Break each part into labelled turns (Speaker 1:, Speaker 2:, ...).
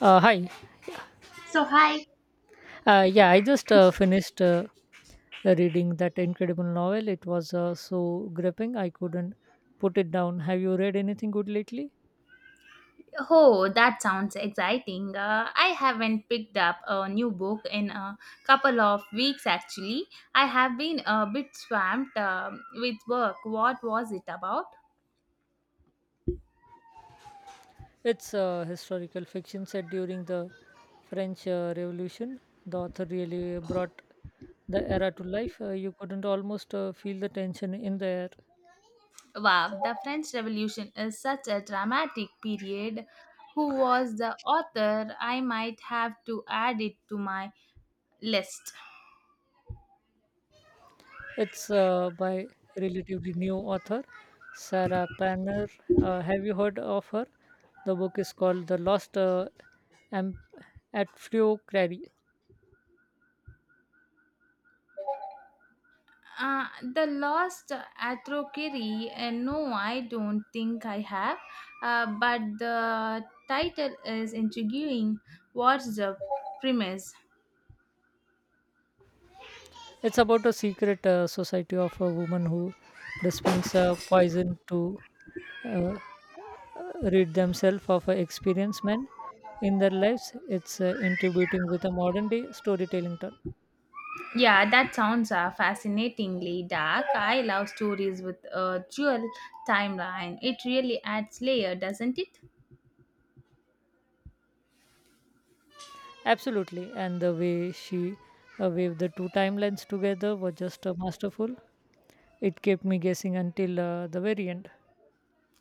Speaker 1: Hi.
Speaker 2: So, hi.
Speaker 1: Yeah, I just finished reading that incredible novel. It was so gripping, I couldn't put it down. Have you read anything good lately?
Speaker 2: Oh, that sounds exciting. I haven't picked up a new book in a couple of weeks actually. I have been a bit swamped with work. What was it about?
Speaker 1: It's historical fiction set during the French Revolution. The author really brought the era to life. You couldn't almost feel the tension in the air.
Speaker 2: Wow, the French Revolution is such a dramatic period. Who was the author? I might have to add it to my list.
Speaker 1: It's by relatively new author Sarah Panner. Have you heard of her? The book is called The Lost Am- at Crary.
Speaker 2: Uh, the lost Atrociri, no, I don't think I have, but the title is intriguing. What's the premise?
Speaker 1: It's about a secret society of a woman who dispense poison to uh, rid themselves of experienced men in their lives. It's intuiting with a modern day storytelling turn.
Speaker 2: Yeah, that sounds fascinatingly dark. I love stories with a dual timeline. It really adds layer, doesn't it?
Speaker 1: Absolutely. And the way she waved the two timelines together was just masterful. It kept me guessing until the very end.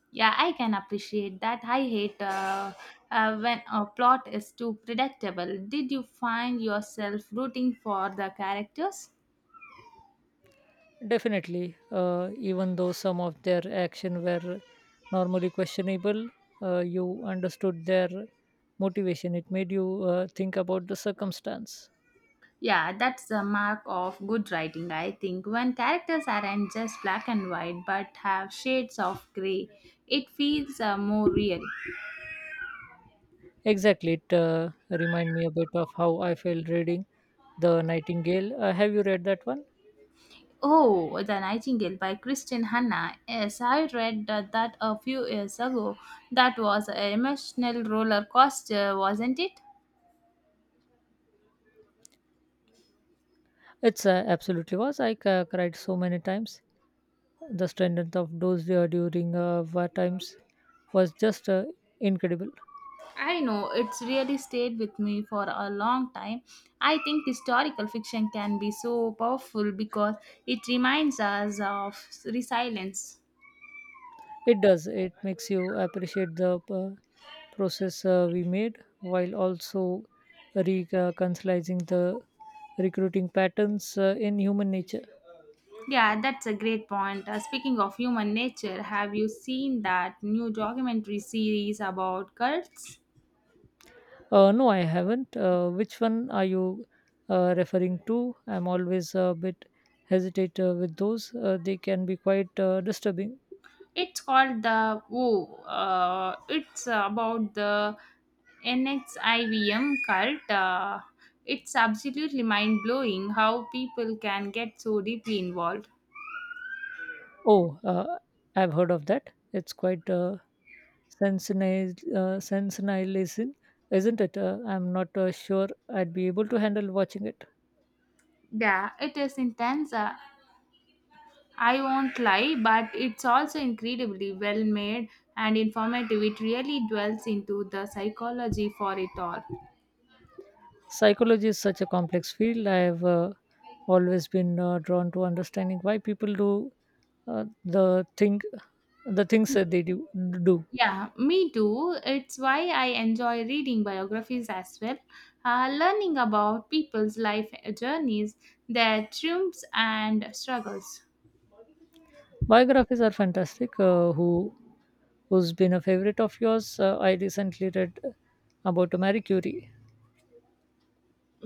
Speaker 2: Yeah, I can appreciate that. I hate when a plot is too predictable. Did you find yourself rooting for the characters?
Speaker 1: Definitely. Even though some of their action were normally questionable, you understood their motivation. It made you think about the circumstance.
Speaker 2: Yeah, that's the mark of good writing, I think. When characters aren't just black and white but have shades of grey, it feels more real.
Speaker 1: Exactly. It remind me a bit of how I felt reading The Nightingale. Have you read that one?
Speaker 2: Oh, The Nightingale by Kristen Hanna. Yes, I read that a few years ago. That was an emotional roller coaster, wasn't it?
Speaker 1: It's absolutely was. I cried so many times. The strength of those during war times was just incredible.
Speaker 2: I know, it's really stayed with me for a long time. I think historical fiction can be so powerful because it reminds us of resilience.
Speaker 1: It does. It makes you appreciate the process we made while also reconciling the recruiting patterns in human nature.
Speaker 2: Yeah, that's a great point. Speaking of human nature, have you seen that new documentary series about cults?
Speaker 1: No, I haven't. Which one are you referring to? I'm always a bit hesitate with those. They can be quite disturbing.
Speaker 2: It's about the NXIVM cult. It's absolutely mind blowing how people can get so deeply involved.
Speaker 1: Oh, I've heard of that. It's quite sensationalizing, isn't it? I'm not sure I'd be able to handle watching it.
Speaker 2: Yeah, it is intense. I won't lie, but it's also incredibly well made and informative. It really dwells into the psychology for it all.
Speaker 1: Psychology is such a complex field. I've always been drawn to understanding why people do uh, the thing, the things that they do. do.
Speaker 2: Yeah, me too. It's why I enjoy reading biographies as well. Learning about people's life journeys, their triumphs and struggles.
Speaker 1: Biographies are fantastic. Who's been a favorite of yours? I recently read about Marie Curie.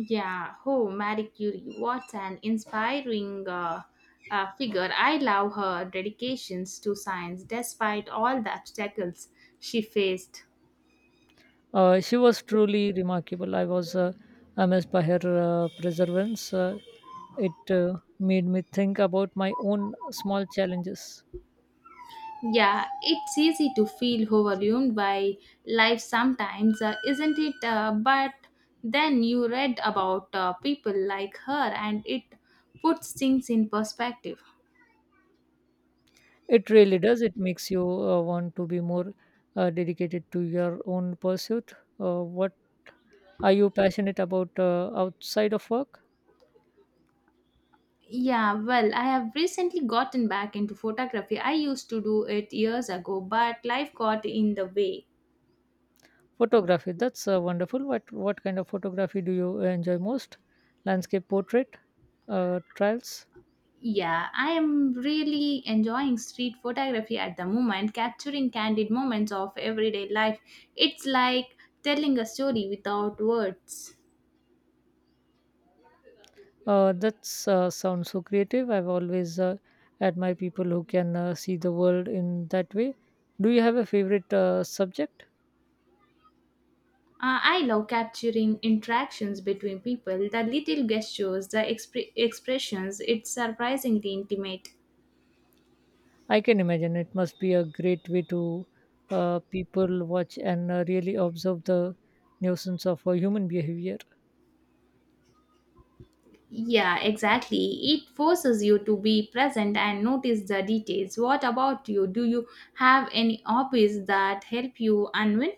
Speaker 2: Yeah, oh, Marie Curie, what an inspiring figure. I love her dedications to science despite all the obstacles she faced.
Speaker 1: She was truly remarkable. I was amazed by her perseverance. It made me think about my own small challenges.
Speaker 2: Yeah, it's easy to feel overwhelmed by life sometimes, isn't it? But then you read about people like her and it puts things in perspective.
Speaker 1: It really does. It makes you want to be more dedicated to your own pursuit. What are you passionate about outside of work?
Speaker 2: Yeah, well, I have recently gotten back into photography. I used to do it years ago, but life got in the way.
Speaker 1: Photography. That's wonderful. What kind of photography do you enjoy most? Landscape portrait, trials.
Speaker 2: Yeah, I am really enjoying street photography at the moment, capturing candid moments of everyday life. It's like telling a story without words.
Speaker 1: That sounds so creative. I've always admired people who can see the world in that way. Do you have a favorite subject?
Speaker 2: I love capturing interactions between people, the little gestures, the expressions. It's surprisingly intimate.
Speaker 1: I can imagine it must be a great way to people watch and really observe the nuisance of human behavior.
Speaker 2: Yeah, exactly. It forces you to be present and notice the details. What about you? Do you have any hobbies that help you unwind?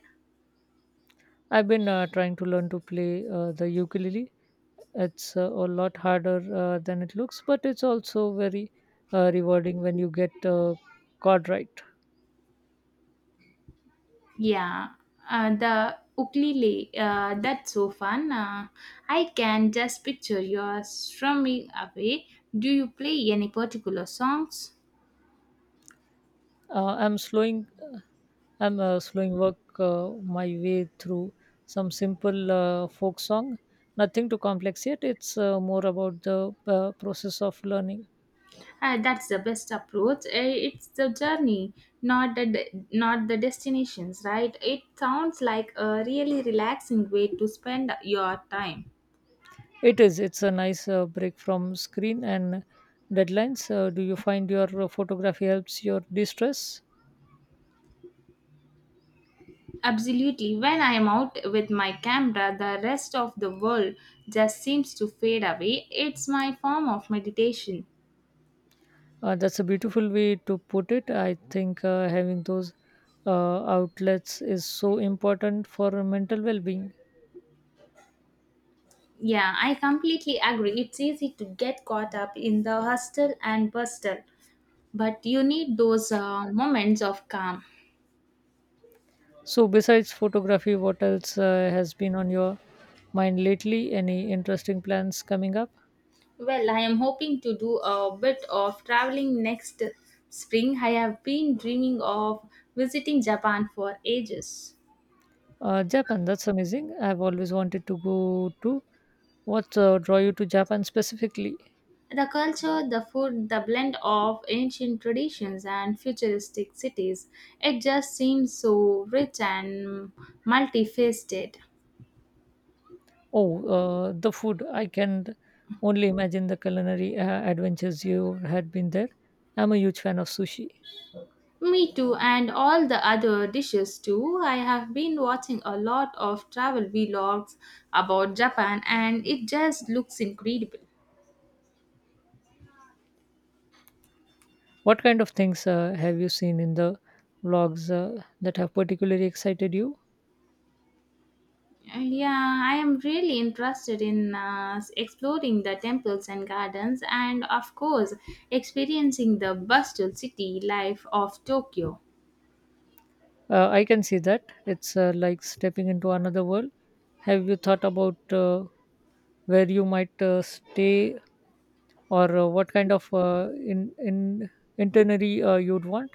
Speaker 1: I've been trying to learn to play the ukulele. It's a lot harder than it looks, but it's also very rewarding when you get chord right.
Speaker 2: Yeah, the ukulele, that's so fun. I can just picture you strumming away. Do you play any particular songs?
Speaker 1: Uh, I'm slowing. I'm slowing work my way through some simple folk song. Nothing too complex yet. It's more about the process of learning.
Speaker 2: That's the best approach. It's the journey, not the destinations, right? It sounds like a really relaxing way to spend your time.
Speaker 1: It is. It's a nice break from screen and deadlines. Do you find your photography helps your distress?
Speaker 2: Absolutely. When I am out with my camera, the rest of the world just seems to fade away. It's my form of meditation.
Speaker 1: That's a beautiful way to put it. I think having those outlets is so important for mental well-being.
Speaker 2: Yeah, I completely agree. It's easy to get caught up in the hustle and bustle, but you need those moments of calm.
Speaker 1: So, besides photography, what else has been on your mind lately? Any interesting plans coming up?
Speaker 2: Well, I am hoping to do a bit of traveling next spring. I have been dreaming of visiting Japan for ages.
Speaker 1: Japan. That's amazing. I've always wanted to go to. What draw you to Japan specifically?
Speaker 2: The culture, the food, the blend of ancient traditions and futuristic cities, it just seems so rich and multifaceted.
Speaker 1: Oh, the food. I can only imagine the culinary adventures you had been there. I'm a huge fan of sushi.
Speaker 2: Me too, and all the other dishes too. I have been watching a lot of travel vlogs about Japan and it just looks incredible.
Speaker 1: What kind of things have you seen in the vlogs that have particularly excited you?
Speaker 2: Yeah, I am really interested in exploring the temples and gardens and, of course, experiencing the bustling city life of Tokyo.
Speaker 1: I can see that. It's like stepping into another world. Have you thought about where you might stay or what kind of in itinerary you'd want?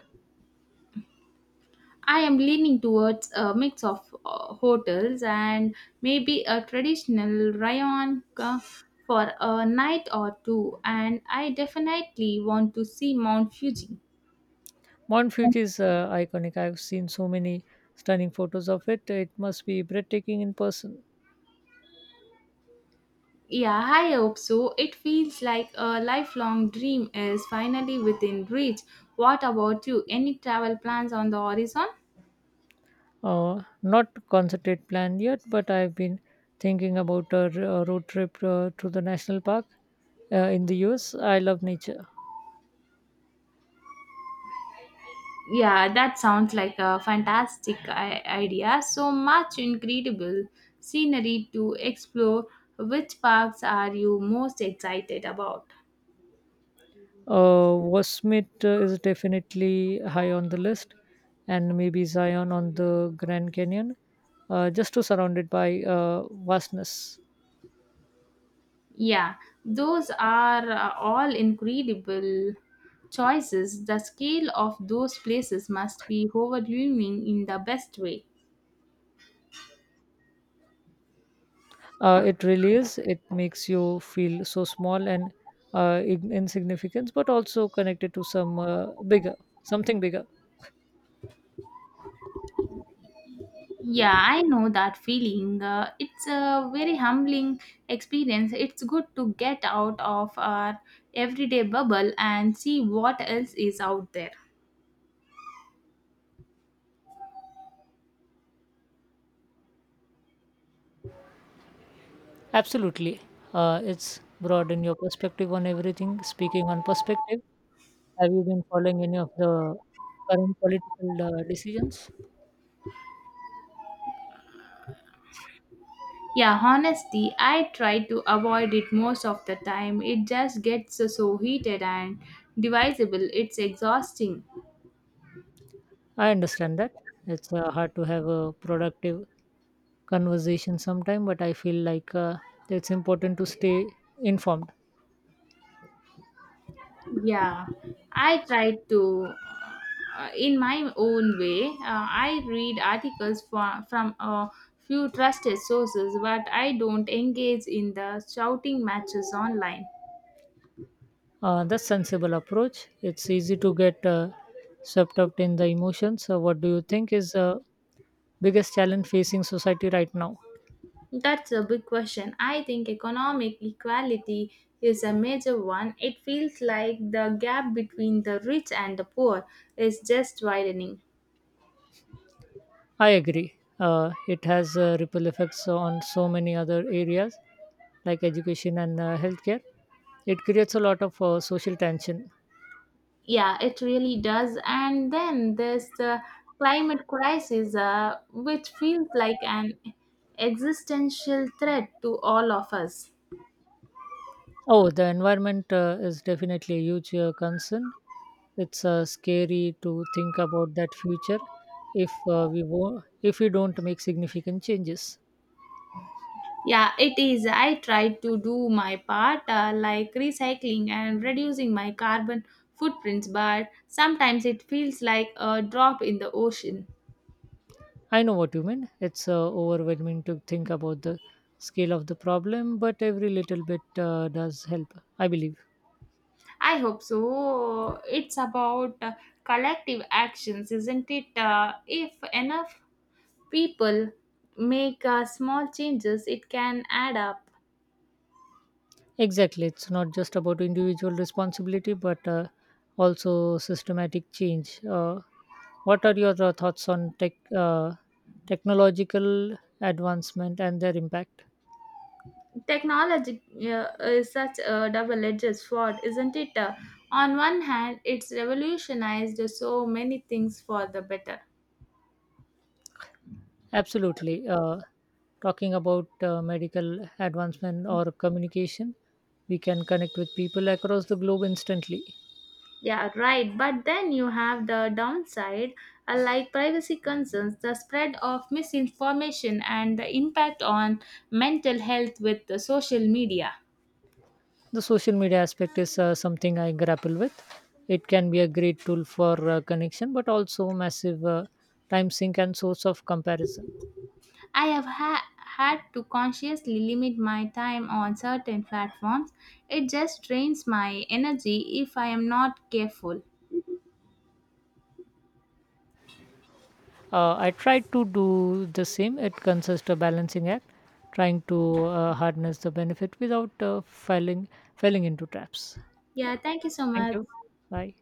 Speaker 2: I am leaning towards a mix of hotels and maybe a traditional rayon for a night or two, and I definitely want to see Mount Fuji.
Speaker 1: Mount Fuji is iconic. I've seen so many stunning photos of it. It must be breathtaking in person.
Speaker 2: Yeah, I hope so. It feels like a lifelong dream is finally within reach. What about you? Any travel plans on the horizon?
Speaker 1: Not concerted plan yet, but I've been thinking about a road trip to the national park in the US. I love nature.
Speaker 2: Yeah, that sounds like a fantastic idea. So much incredible scenery to explore. Which parks are you most excited about?
Speaker 1: Wasmit is definitely high on the list, and maybe Zion on the Grand Canyon, just to surround it by vastness.
Speaker 2: Yeah, those are all incredible choices. The scale of those places must be overwhelming in the best way.
Speaker 1: It really is. It makes you feel so small and insignificant, but also connected to something bigger.
Speaker 2: Yeah, I know that feeling. It's a very humbling experience. It's good to get out of our everyday bubble and see what else is out there.
Speaker 1: Absolutely. It's broadened your perspective on everything. Speaking on perspective, have you been following any of the current political decisions?
Speaker 2: Yeah, honestly, I try to avoid it most of the time. It just gets so heated and divisible. It's exhausting.
Speaker 1: I understand that it's hard to have a productive conversation sometime, but I feel like it's important to stay informed.
Speaker 2: Yeah, I try to, in my own way, I read articles from a few trusted sources, but I don't engage in the shouting matches online.
Speaker 1: That's sensible approach. It's easy to get swept up in the emotions. So what do you think is the biggest challenge facing society right now?
Speaker 2: That's a big question. I think economic equality is a major one. It feels like the gap between the rich and the poor is just widening.
Speaker 1: I agree. It has ripple effects on so many other areas like education and healthcare. It creates a lot of social tension.
Speaker 2: Yeah, it really does. And then there's the climate crisis, which feels like an existential threat to all of us.
Speaker 1: Oh, the environment is definitely a huge concern. It's scary to think about that future if if we don't make significant changes.
Speaker 2: Yeah, it is. I try to do my part, like recycling and reducing my carbon footprints, but sometimes it feels like a drop in the ocean.
Speaker 1: I know what you mean. It's overwhelming to think about the scale of the problem, but every little bit does help, I believe.
Speaker 2: I hope so. It's about collective actions, isn't it? If enough people make small changes, it can add up.
Speaker 1: Exactly. It's not just about individual responsibility, but also systematic change. What are your thoughts on technological advancement and their impact?
Speaker 2: Technology is such a double edged sword, isn't it? On one hand, it's revolutionized so many things for the better.
Speaker 1: Absolutely. Talking about medical advancement or communication, we can connect with people across the globe instantly.
Speaker 2: Yeah, right. But then you have the downside, like privacy concerns, the spread of misinformation, and the impact on mental health with the social media.
Speaker 1: The social media aspect is something I grapple with. It can be a great tool for connection, but also massive time sink and source of comparison.
Speaker 2: I have ha- had to consciously limit my time on certain platforms. It just drains my energy if I am not careful.
Speaker 1: I try to do the same. It consists of balancing act, trying to harness the benefit without falling into traps.
Speaker 2: Yeah,
Speaker 1: Yeah.
Speaker 2: thank you so
Speaker 1: Thank
Speaker 2: much.
Speaker 1: you. Bye.